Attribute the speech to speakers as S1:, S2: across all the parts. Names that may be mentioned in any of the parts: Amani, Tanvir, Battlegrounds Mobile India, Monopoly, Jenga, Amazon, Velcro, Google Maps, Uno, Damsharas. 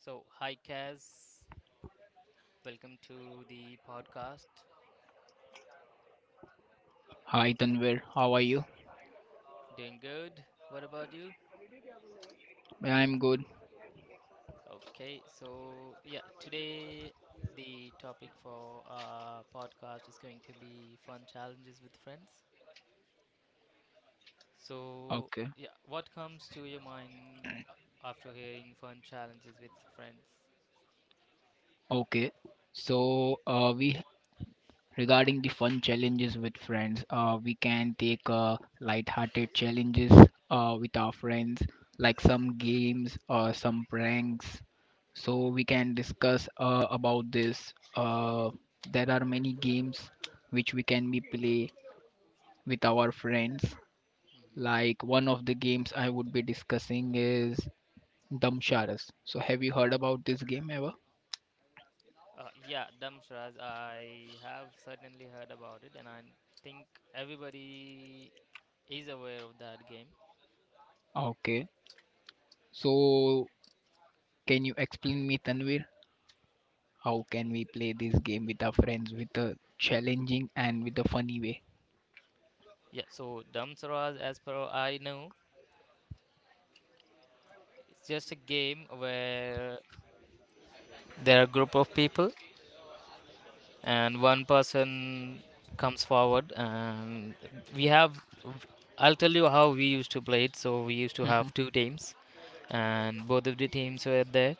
S1: So, hi Kaz, welcome to the podcast.
S2: Hi Tanvir, how are you?
S1: Doing good? What about you?
S2: Yeah, I'm good.
S1: Today the topic for our podcast is going to be fun challenges with friends. So,
S2: Okay.
S1: yeah, what comes to your mind after hearing fun challenges with friends?
S2: Okay. So, we regarding the fun challenges with friends, we can take light-hearted challenges with our friends, like some games or some pranks. So we can discuss about this. There are many games which we can be play with our friends.
S1: hmm
S2: Like one of the games I would be discussing is Damsharas. So have you heard about this game ever?
S1: Yeah, Damshraj, I have certainly heard about it, and I think everybody is aware of that game.
S2: Okay. So can you explain me, Tanvir, how can we play this game with our friends with a challenging and with a funny way?
S1: Yeah, so Dhamsaras, as per I know, it's just a game where there are a group of people and one person comes forward and we have I'll tell you how we used to play it. So we used to
S2: Mhm.
S1: have two teams and both of the teams were there.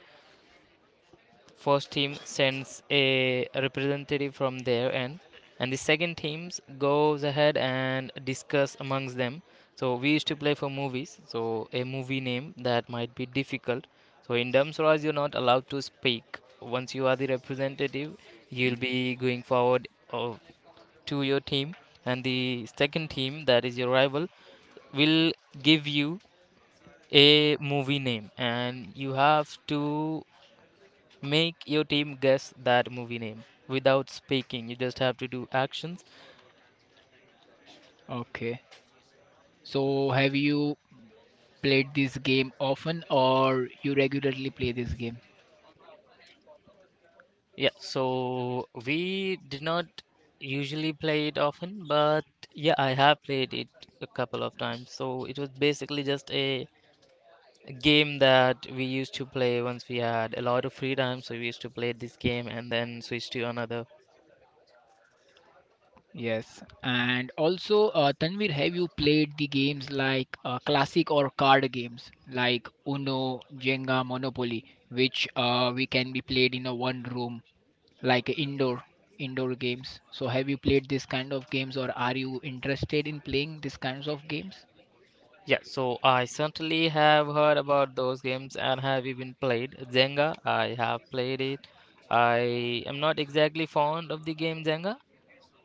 S1: First team sends a representative from their end, and the second teams goes ahead and discuss amongst them. So we used to play for movies. So a movie name that might be difficult. So in Damswaraj, you're not allowed to speak. Once you are the representative, you'll be going forward of, to your team, and the second team, that is your rival, will give you a movie name, and you have to make your team guess that movie name without speaking. You just have to do actions.
S2: Okay. So have you played this game often or you regularly play this game?
S1: Yeah, so we did not usually play it often, but yeah, I have played it a couple of times. So it was basically just a game that we used to play once we had a lot of free time. So we used to play this game and then switch to another.
S2: Yes. And also, Tanvir, have you played the games like classic or card games like Uno, Jenga, Monopoly, which we can be played in a one room like indoor games? So have you played this kind of games or are you interested in playing these kinds of games?
S1: Yeah, so I certainly have heard about those games and have even played Jenga. I have played it. I am not exactly fond of the game Jenga.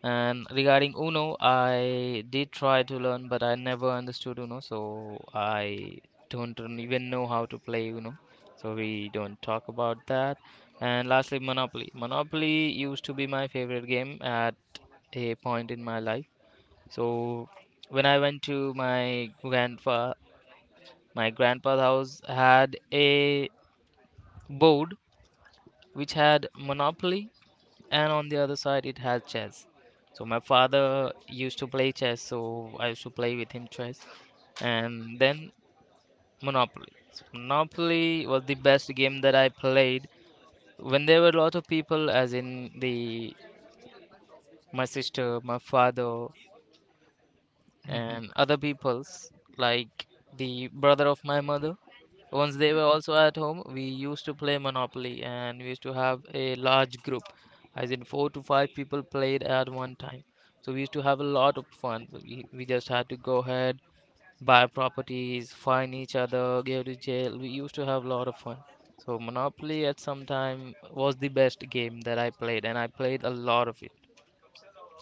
S1: And regarding Uno, I did try to learn, but I never understood Uno, so I don't even know how to play Uno. So we don't talk about that. And lastly, Monopoly. Monopoly used to be my favorite game at a point in my life. So when I went to my grandpa's house had a board which had Monopoly, and on the other side it had chess. So my father used to play chess, so I used to play with him chess, and then Monopoly. So Monopoly was the best game that I played when there were a lot of people, as in the my sister, my father,
S2: Hmm.
S1: and other people's, like the brother of my mother. Once they were also at home, we used to play Monopoly and we used to have a large group, as in four to five people played at one time, so we used to have a lot of fun. So we just had to go ahead, buy properties, fine each other, go to jail. We used to have a lot of fun. So Monopoly at some time was the best game that I played, and I played a lot of it.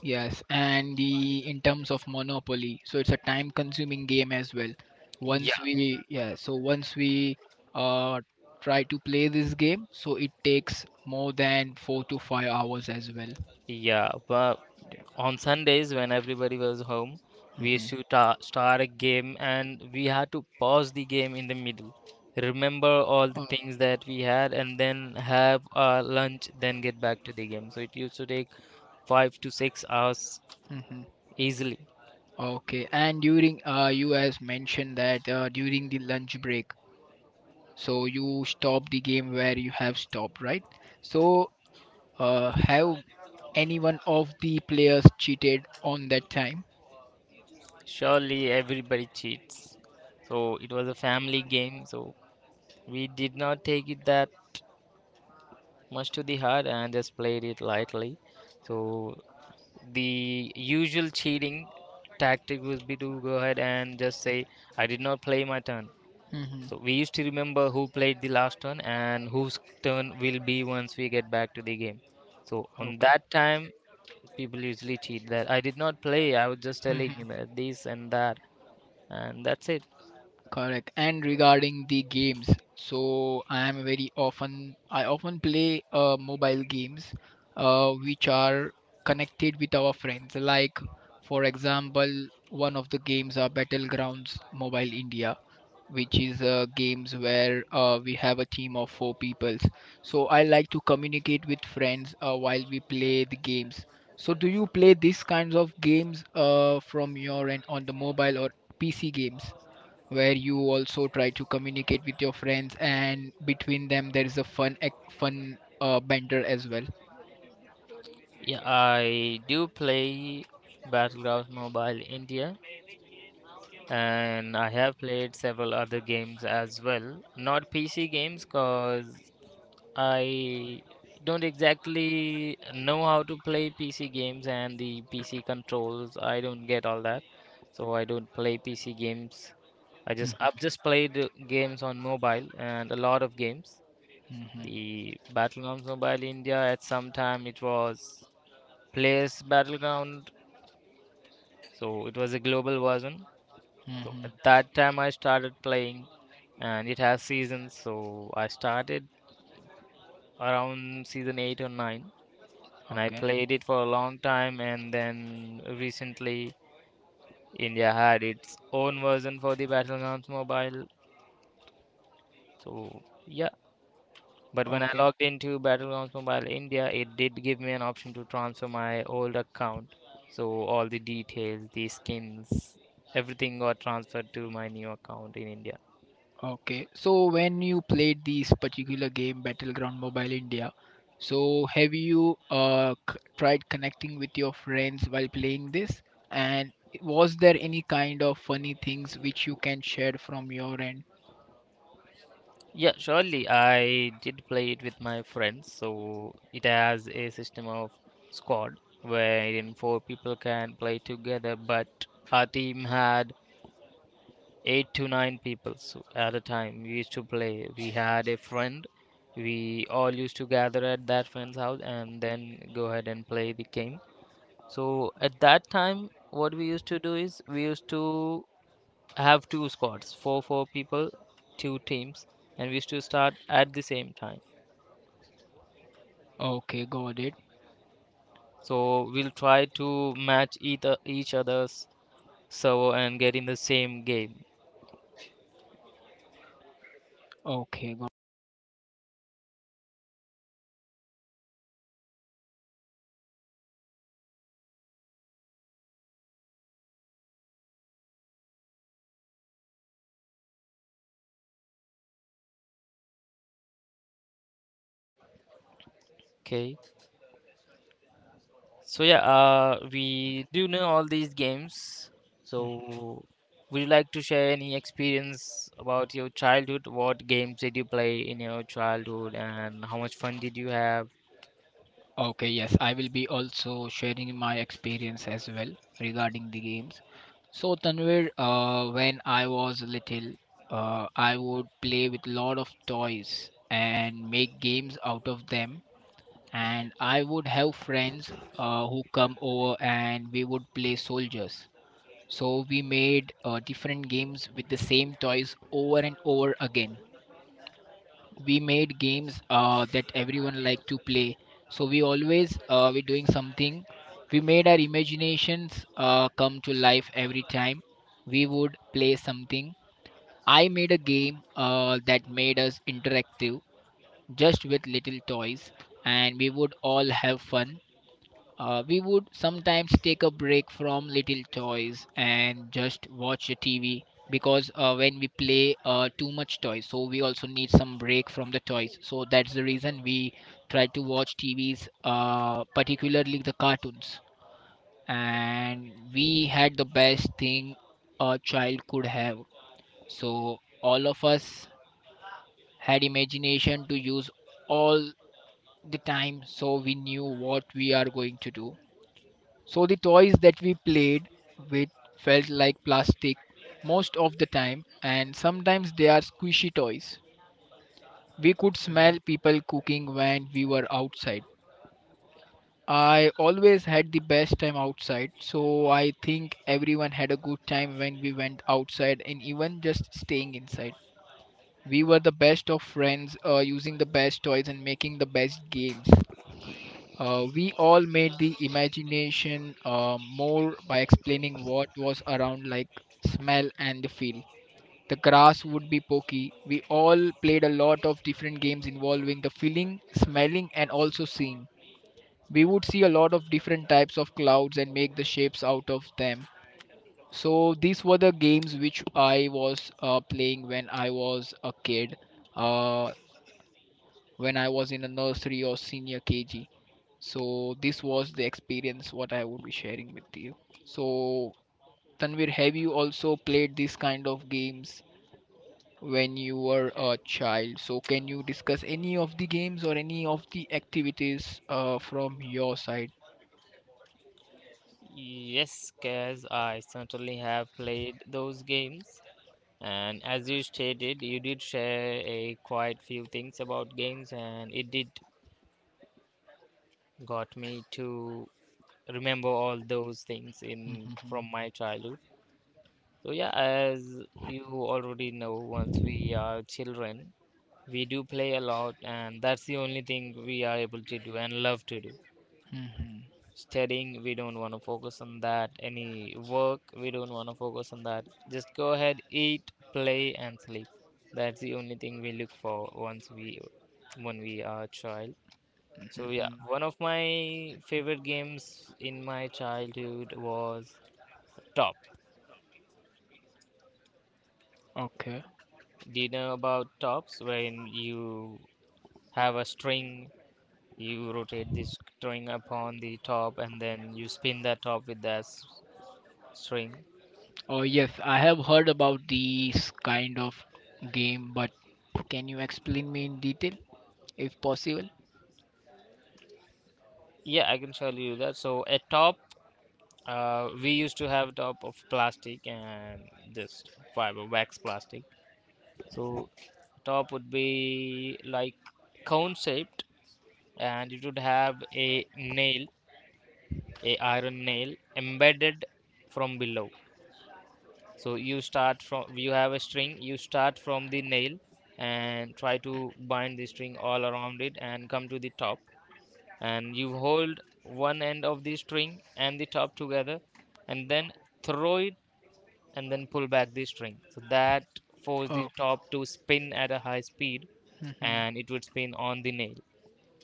S2: Yes, and the in terms of Monopoly, so it's a time-consuming game as well.
S1: Yeah.
S2: Once we, yeah, so once we uh try to play this game, so it takes more than 4 to 5 hours as well.
S1: Yeah, but on Sundays when everybody was home, we
S2: Hmm.
S1: used to ta start a game and we had to pause the game in the middle, remember all the
S2: Oh,
S1: things that we had, and then have our lunch, then get back to the game. So it used to take 5 to 6 hours
S2: hmm.
S1: easily.
S2: Okay, and during you has mentioned that during the lunch break, so you stop the game where you have stopped, right? So have any one of the players cheated on that time?
S1: Surely everybody cheats. So it was a family game, so we did not take it that much to the heart and just played it lightly. So the usual cheating tactic would be to go ahead and just say, I did not play my turn.
S2: Hmm.
S1: So we used to remember who played the last turn and whose turn will be once we get back to the game. So on
S2: Okay.
S1: that time, people usually cheat that I did not play, I was just telling
S2: Mhm.
S1: you that this and that, and that's it.
S2: Correct. And regarding the games, so I am very often I often play mobile games which are connected with our friends. Like for example, one of the games are Battlegrounds Mobile India, which is games where we have a team of four peoples. So I like to communicate with friends while we play the games. So do you play these kinds of games from your end on the mobile or PC games, where you also try to communicate with your friends, and between them there is a fun ac- fun banter as well?
S1: Yeah, I do play Battlegrounds Mobile India and I have played several other games as well. Not PC games, cause I don't exactly know how to play PC games and the PC controls. I don't get all that. So I don't play PC games. I've just played games on mobile and a lot of games.
S2: Mm-hmm.
S1: The Battlegrounds Mobile India, at some time it was Players Battleground, so it was a global version. So at
S2: Mm-hmm.
S1: that time I started playing, and it has seasons, so I started around season 8 or 9 and I
S2: Okay.
S1: played it for a long time, and then recently India had its own version for the Battlegrounds Mobile. So yeah, but when I
S2: Okay.
S1: logged into Battlegrounds Mobile India, it did give me an option to transfer my old account. So all the details, the skins, everything got transferred to my new account in India.
S2: Okay, so when you played this particular game Battleground Mobile India, so have you tried connecting with your friends while playing this, and was there any kind of funny things which you can share from your end?
S1: Yeah, surely. I did play it with my friends. So it has a system of squad wherein four people can play together, but our team had eight to nine people. So at a time we used to play. We had a friend. We all used to gather at that friend's house and then go ahead and play the game. So at that time, what we used to do is we used to have two squads, four people, two teams, and we used to start at the same time.
S2: Okay, got it.
S1: So we'll try to match each other's server and get in the same game.
S2: Okay, got.
S1: Okay. So yeah, we do know all these games. So would you like to share any experience about your childhood? What games did you play in your childhood, and how much fun did you have?
S2: Okay, yes, I will be also sharing my experience as well regarding the games. So Tanvir, when I was little, I would play with lot of toys and make games out of them. And I would have friends who come over and we would play soldiers. So we made different games with the same toys over and over again. We made games that everyone liked to play. So we always we're doing something. We made our imaginations come to life every time we would play something. I made a game that made us interactive just with little toys, and we would all have fun. We would sometimes take a break from little toys and just watch the TV, because when we play too much toys, so we also need some break from the toys. So that's the reason we try to watch TVs, particularly the cartoons. And we had the best thing a child could have. So all of us had imagination to use all the time, so we knew what we are going to do. So the toys that we played with felt like plastic most of the time, and sometimes they are squishy toys. We could smell
S1: Mhm.
S2: people cooking when we were outside. I always had the best time outside, so I think everyone had a good time when we went outside and even just staying inside. We were the best of friends, using the best toys and making the best games. We all made the imagination more by explaining what was around, like smell and the feel. The grass would be pokey. We all played a lot of different games involving the feeling, smelling, and also seeing. We would see a lot of different types of clouds and make the shapes out of them. So these were the games which I was playing when I was a kid, uh, when I was in a nursery or senior KG. So this was the experience what I would be sharing with you. So Tanvir, have you also played this kind of games when you were a child? So can you discuss any of the games or any of the activities from your side?
S1: Yes, Kaz, I certainly have played those games. And as you stated, you did share a quite few things about games, and it did got me to remember all those things in from my childhood. So yeah, as you already know, once we are children, we do play a lot, and that's the only thing we are able to do and love to do.
S2: Mhm,
S1: Studying, we don't want to focus on that. Any work, we don't want to focus on that. Just go ahead, eat, play, and sleep. That's the only thing we look for once we when we are a child.
S2: mhm,
S1: So yeah,
S2: mhm.
S1: one of my favorite games in my childhood was Top.
S2: Okay.
S1: Do you know about Tops? When you have a string, you rotate this string upon the top and then you spin that top with that string.
S2: Oh yes, I have heard about these kind of game, but can you explain me in detail if possible?
S1: Yeah, I can tell you that. So a top, we used to have top of plastic and this fiber wax plastic. So top would be like cone shaped, and it would have a iron nail embedded from below. So you start from, you have a string, you start from the nail and try to bind the string all around it and come to the top, and you hold one end of the string and the top together and then throw it and then pull back the string, so that force the
S2: Oh.
S1: top to spin at a high speed,
S2: Mhm,
S1: and it would spin on the nail.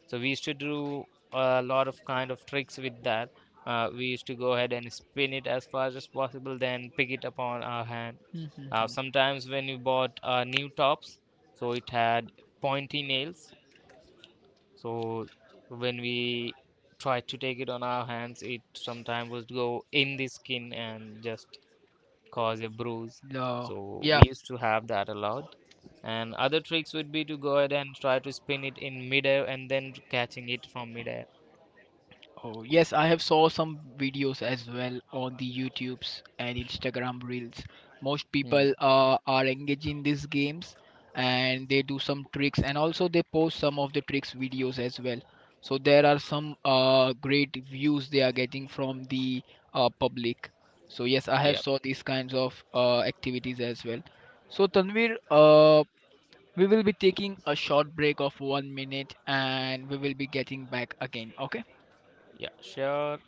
S1: So we used to do a lot of kind of tricks with that. Uh, we used to go ahead and spin it as fast as possible, then pick it up on our hand.
S2: mhm,
S1: Uh,
S2: mhm.
S1: sometimes when you bought new tops, so it had pointy nails. So when we tried to take it on our hands, it sometimes would go in the skin and just cause a bruise.
S2: The
S1: So
S2: yeah,
S1: we used to have that a lot. And other tricks would be to go ahead and try to spin it in midair and then catching it from midair.
S2: Oh yes, I have saw some videos as well on the YouTubes and Instagram reels. Most
S1: Hmm.
S2: people are engaged in these games and they do some tricks and also they post some of the tricks videos as well. So there are some great views they are getting from the public. So yes, I have
S1: Yep.
S2: saw these kinds of activities as well. So Tanvir, we will be taking a short break of 1 minute and we will be getting back again. Okay?
S1: Yeah. Sure.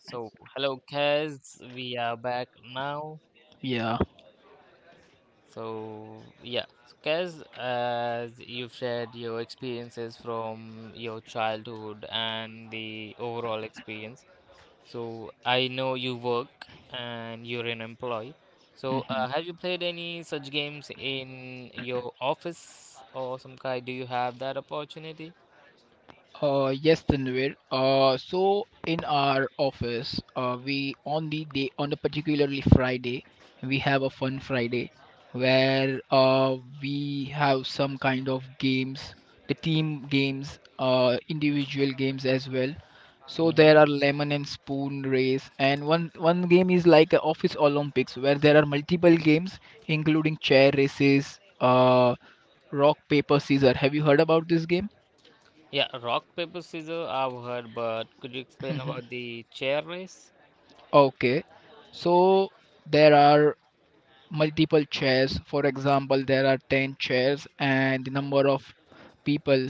S1: So hello, Kaz. We are back now.
S2: Yeah.
S1: So yeah, so, Kaz, as you've shared your experiences from your childhood and the overall experience. So I know you work and you're an employee. So
S2: Mhm.
S1: have you played any such games in your office or some kind? Do you have that opportunity?
S2: Yes, Tanvir. So in our office, we on the day on the particularly Friday, we have a fun Friday where we have some kind of games, the team games, individual games as well. So there
S1: Hmm.
S2: are lemon and spoon race, and one game is like a office Olympics where there are multiple games, including chair races, rock paper scissor. Have you heard about this game?
S1: Yeah, rock, paper, scissors, I've heard, but could you explain about the chair race?
S2: Okay, so there are multiple chairs. For example, there are 10 chairs, and the number of people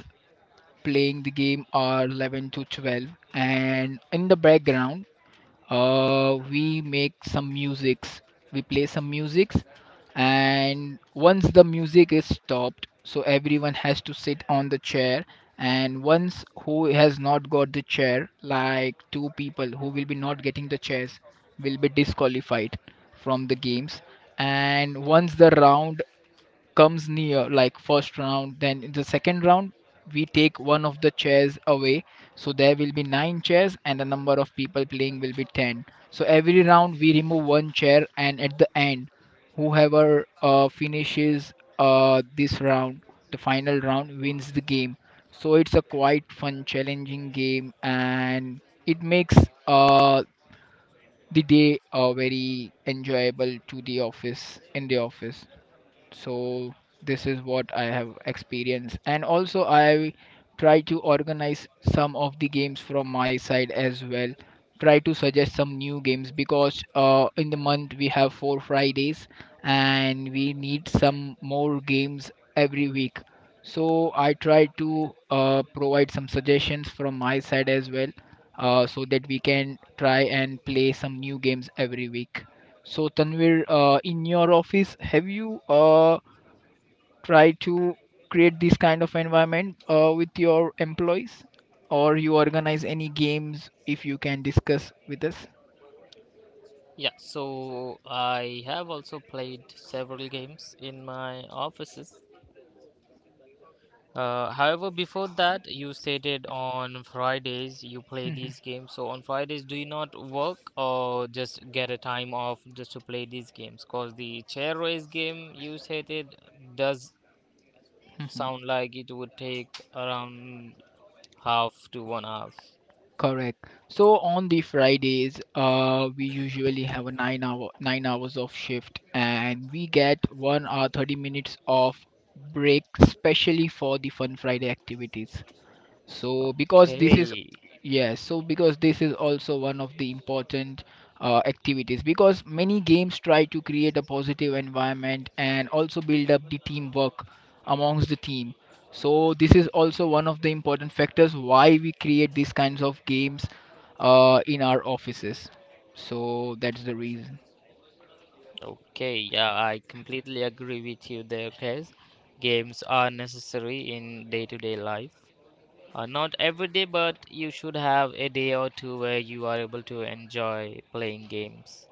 S2: playing the game are 11 to 12. And in the background, we make some musics, we play some musics, and once the music is stopped, so everyone has to sit on the chair. And once who has not got the chair, like two people who will be not getting the chairs, will be disqualified from the games. And once the round comes near, like first round, then in the second round we take one of the chairs away, so there will be nine chairs and the number of people playing will be 10. So every round we remove one chair, and at the end whoever finishes this round, the final round, wins the game. So it's a quite fun challenging game, and it makes uh, the day very enjoyable to the office in the office. So this is what I have experienced, and also I try to organize some of the games from my side as well, try to suggest some new games, because in the month we have 4 fridays and we need some more games every week. So I try to provide some suggestions from my side as well, so that we can try and play some new games every week. So Tanvir, in your office, have you try to create this kind of environment with your employees, or you organize any games, if you can discuss with us?
S1: Yeah, so I have also played several games in my offices. However, before that, you stated on Fridays you play
S2: Mhm,
S1: these games. So on Fridays, do you not work or just get a time off just to play these games? Because the chair race game you stated does
S2: mhm.
S1: sound like it would take around half to 1 hour.
S2: Correct, so on the fridays we usually have a 9 hours of shift, and we get 1 hour 30 minutes of break specially for the fun friday activities. So because this is
S1: Okay.
S2: yes so because this is also one of the important activities, because many games try to create a positive environment and also build up the teamwork amongst the team. So this is also one of the important factors why we create these kinds of games in our offices. So that's the reason.
S1: Okay, yeah, I completely agree with you there, Case. Games are necessary in day-to-day life. Not every day, but you should have a day or two where you are able to enjoy playing games.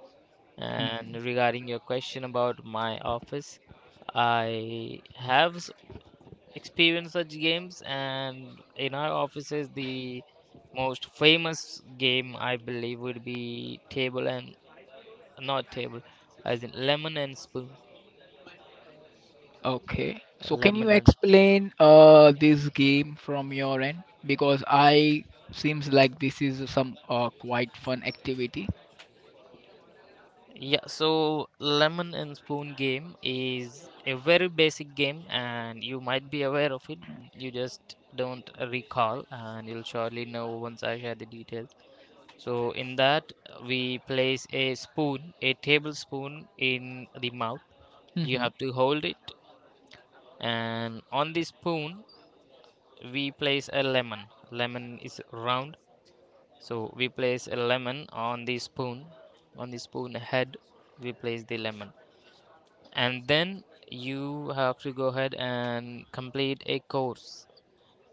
S2: Hmm.
S1: And regarding your question about my office, I have experienced such games, and in our offices, the most famous game I believe would be table and not table, as in lemon and spoon.
S2: Okay. So can you
S1: Lemon and
S2: explain this game from your end? Because I seems like this is some quite fun activity.
S1: Yeah, so lemon and spoon game is a very basic game, and you might be aware of it. You just don't recall, and you'll surely know once I share the details. So, in that, we place a spoon, a tablespoon, in the mouth. You
S2: Mm-hmm.
S1: have to hold it, and on the spoon, we place a lemon. Lemon is round, so we place a lemon on the spoon. On the spoon head, we place the lemon, and then you have to go ahead and complete a course,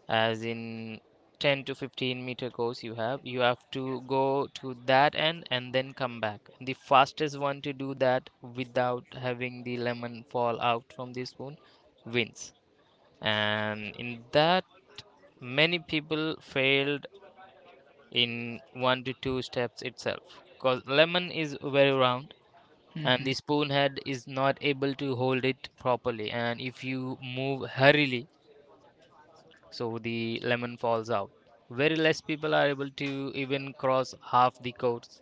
S1: as in 10 to 15 meter course. You have to go to that end and then come back. The fastest one to do that without having the lemon fall out from the spoon wins. And in that, many people failed in one to two steps itself, because lemon is very round and
S2: Mm-hmm.
S1: the spoon head is not able to hold it properly, and if you move hurriedly, so the lemon falls out. Very less people are able to even cross half the course.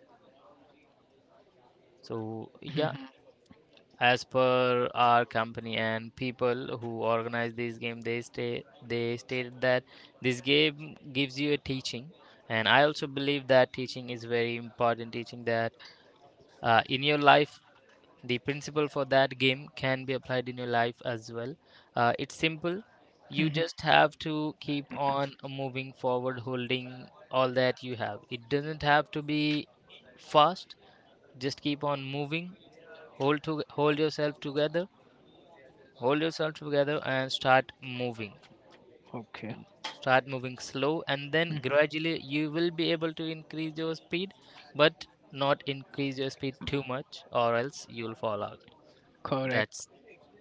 S1: So yeah,
S2: Mm-hmm.
S1: as per our company and people who organize this game, they stated that this game gives you a teaching, and I also believe that teaching is very important. Teaching that, in your life, the principle for that game can be applied in your life as well. It's simple. You
S2: Mm-hmm.
S1: just have to keep on moving forward, holding all that you have. It doesn't have to be fast. Just keep on moving. Hold yourself together. Hold yourself together and start moving.
S2: Okay.
S1: Start moving slow, and then
S2: Mm-hmm.
S1: gradually you will be able to increase your speed, but not increase your speed too much, or else you'll fall out.
S2: Correct.
S1: That's.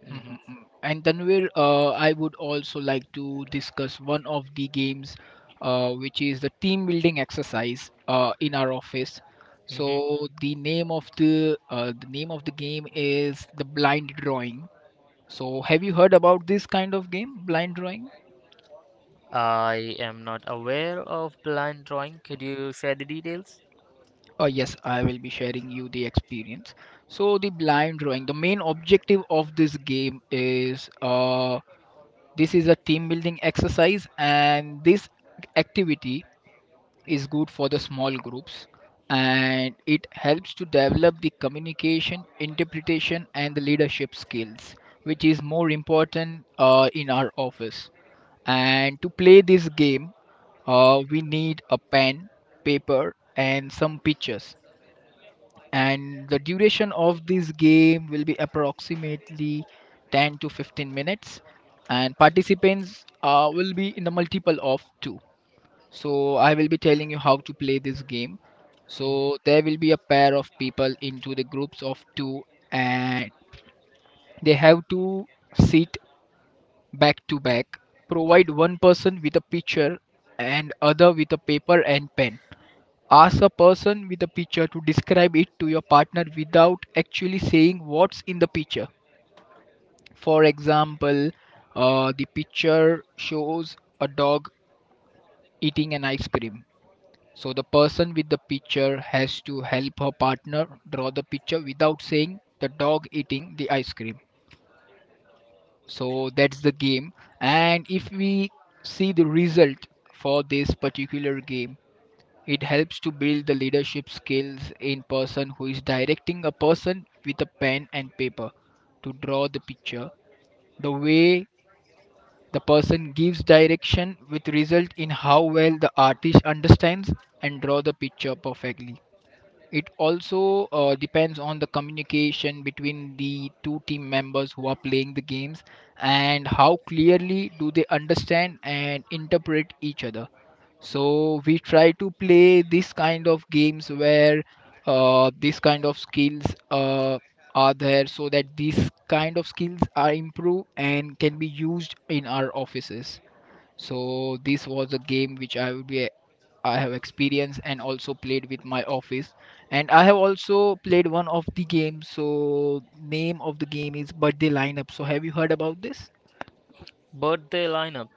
S1: Mhm.
S2: Mm-hmm. And Tanvir, I would also like to discuss one of the games, which is the team building exercise, in our office.
S1: hmm
S2: So the name of the name of the game is the blind drawing. So, have you heard about this kind of game, blind drawing?
S1: I am not aware of the line drawing. Could you share the details?
S2: Yes, I will be sharing you the experience. So, the blind drawing, the main objective of this game is this is a team building exercise, and this activity is good for the small groups, and it helps to develop the communication, interpretation, and the leadership skills, which is more important in our office. And to play this game, we need a pen, paper, and some pictures. And the duration of this game will be approximately 10 to 15 minutes. And participants will be in the multiple of 2. So I will be telling you how to play this game. So
S1: hmm
S2: there will be a pair of people into the groups of two, and they have to sit back to back. Provide one person with a picture and other with a paper and pen. Ask a person with a picture to describe it to your partner without actually saying what's in the picture. For example, the picture shows a dog eating an ice cream. So the person with the picture has to help her partner draw the picture without saying the dog eating the ice cream. So that's the game. And if we see the result for this particular game, it helps to build the leadership skills in person who is directing a person with a pen and paper to draw the picture. The way the person gives direction with result in how well the artist understands and draw the picture perfectly. It also depends on the communication between the two team members who are playing the games, and how clearly do they understand and interpret each other. So we try to play this kind of games where this kind of skills uh, are there so that these kind of skills are improved and can be used in our offices. So this was a game which I would be I have experienced and also played with my office. And I have also played one of the games, so name of the game is birthday lineup. So have you heard about this?
S1: Birthday lineup.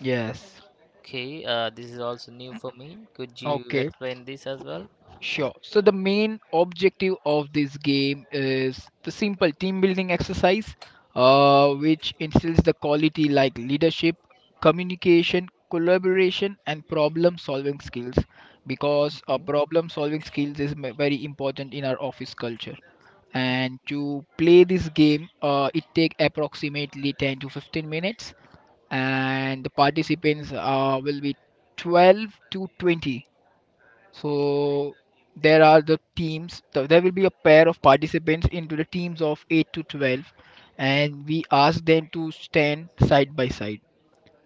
S2: Yes.
S1: Okay, this is also new for me. Could you
S2: Okay.
S1: explain this as well?
S2: Sure. So the main objective of this game is the simple team building exercise, which instills the quality like leadership, communication, collaboration, and problem solving skills. Because
S1: hmm
S2: problem solving skills is very important in our office culture. And to play this game, it take approximately 10 to 15 minutes, and the participants will be 12 to 20. So there are the teams. There will be a pair of participants into the teams of 8 to 12, and we ask them to stand side by side.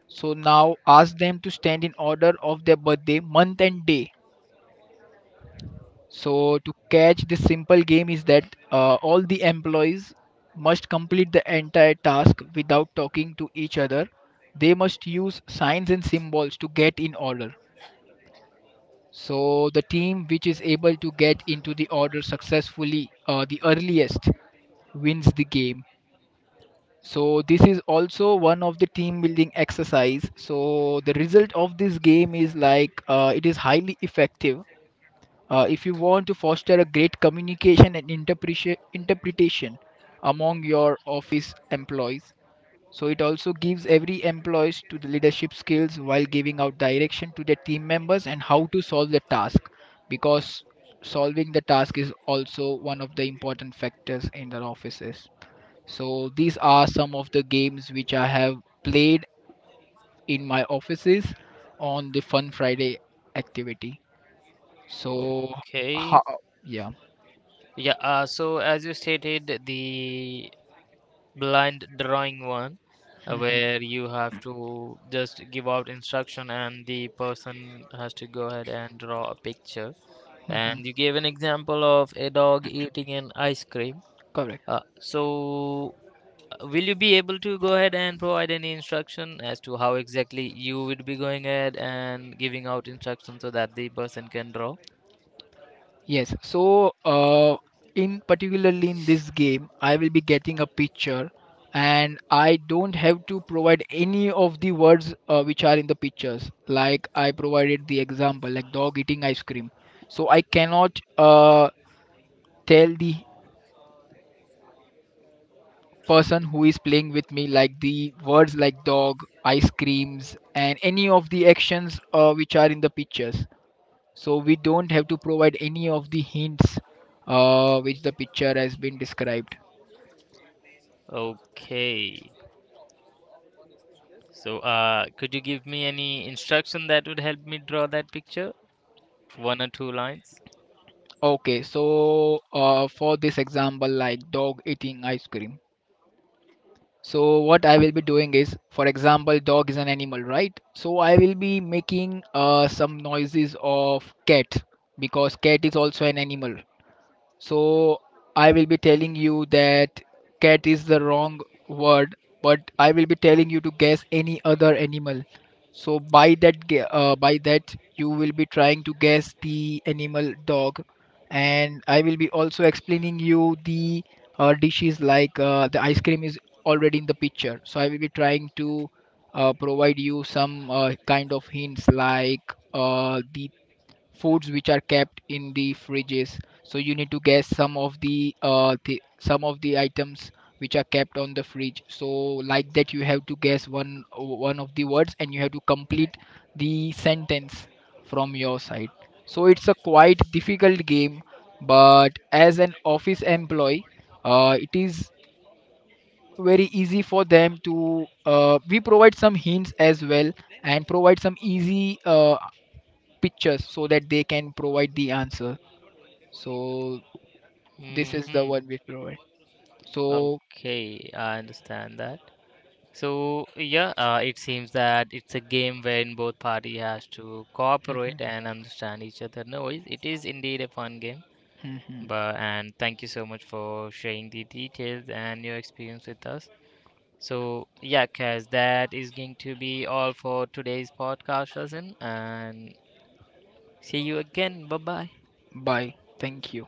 S2: So now ask them to stand in order of their birthday, month, and day. So to catch this simple game is that all the employees must complete the entire task without talking to each other. They must use signs and symbols to get in order. So the team which is able to get into the order successfully, the earliest wins the game. So this is also one of the team building exercise. So the result of this game is like it is highly effective. If you want to foster a great communication and interpretation among your office employees, so it also gives every employees to the leadership skills while giving out direction to their team members and how to solve the task, because solving the task is also one of the important factors in their offices. So these are some of the games which I have played in my offices on the Fun Friday activity. So
S1: Okay.
S2: how yeah.
S1: Yeah, so as you stated, the blind drawing one,
S2: Mhm.
S1: where you have to just give out instruction and the person has to go ahead and draw a picture.
S2: Mhm.
S1: And you gave an example of a dog eating an ice cream.
S2: Correct.
S1: So, will you be able to go ahead and provide any instruction as to how exactly you would be going ahead and giving out instructions so that the person can draw?
S2: Yes, so in particularly in this game, I will be getting a picture, and I don't have to provide any of the words which are in the pictures. Like I provided the example, like dog eating ice cream. So I cannot tell the person who is playing with me like the words like dog, ice creams, and any of the actions which are in the pictures. So we don't have to provide any of the hints which the picture has been described.
S1: Okay. So, could you give me any instruction that would help me draw that picture? One or two lines?
S2: Okay, so for this example, like dog eating ice cream. So what I will be doing is, for example, dog is an animal, right? So I will be making some noises of cat because cat is also an animal. So I will be telling you that cat is the wrong word, but I will be telling you to guess any other animal. So by that you will be trying to guess the animal dog, and I will be also explaining you the dishes like the ice cream is already in the picture. So I will be trying to provide you some kind of hints like the foods which are kept in the fridges, so you need to guess some of the some of the items which are kept on the fridge. So like that you have to guess one of the words and you have to complete the sentence from your side. So it's a quite difficult game, but as an office employee, it is very easy for them to we provide some hints as well, and provide some easy pictures so that they can provide the answer. So this is the
S1: Mm-hmm.
S2: one we provide. So
S1: Okay, I understand that. So, yeah, it seems that it's a game wherein both party has to cooperate and understand each other. No, it is indeed a fun game. But and thank you so much for sharing the details and your experience with us. So yeah, guys, that is going to be all for today's podcast, lesson. And see you again. Bye bye.
S2: bye. Thank you.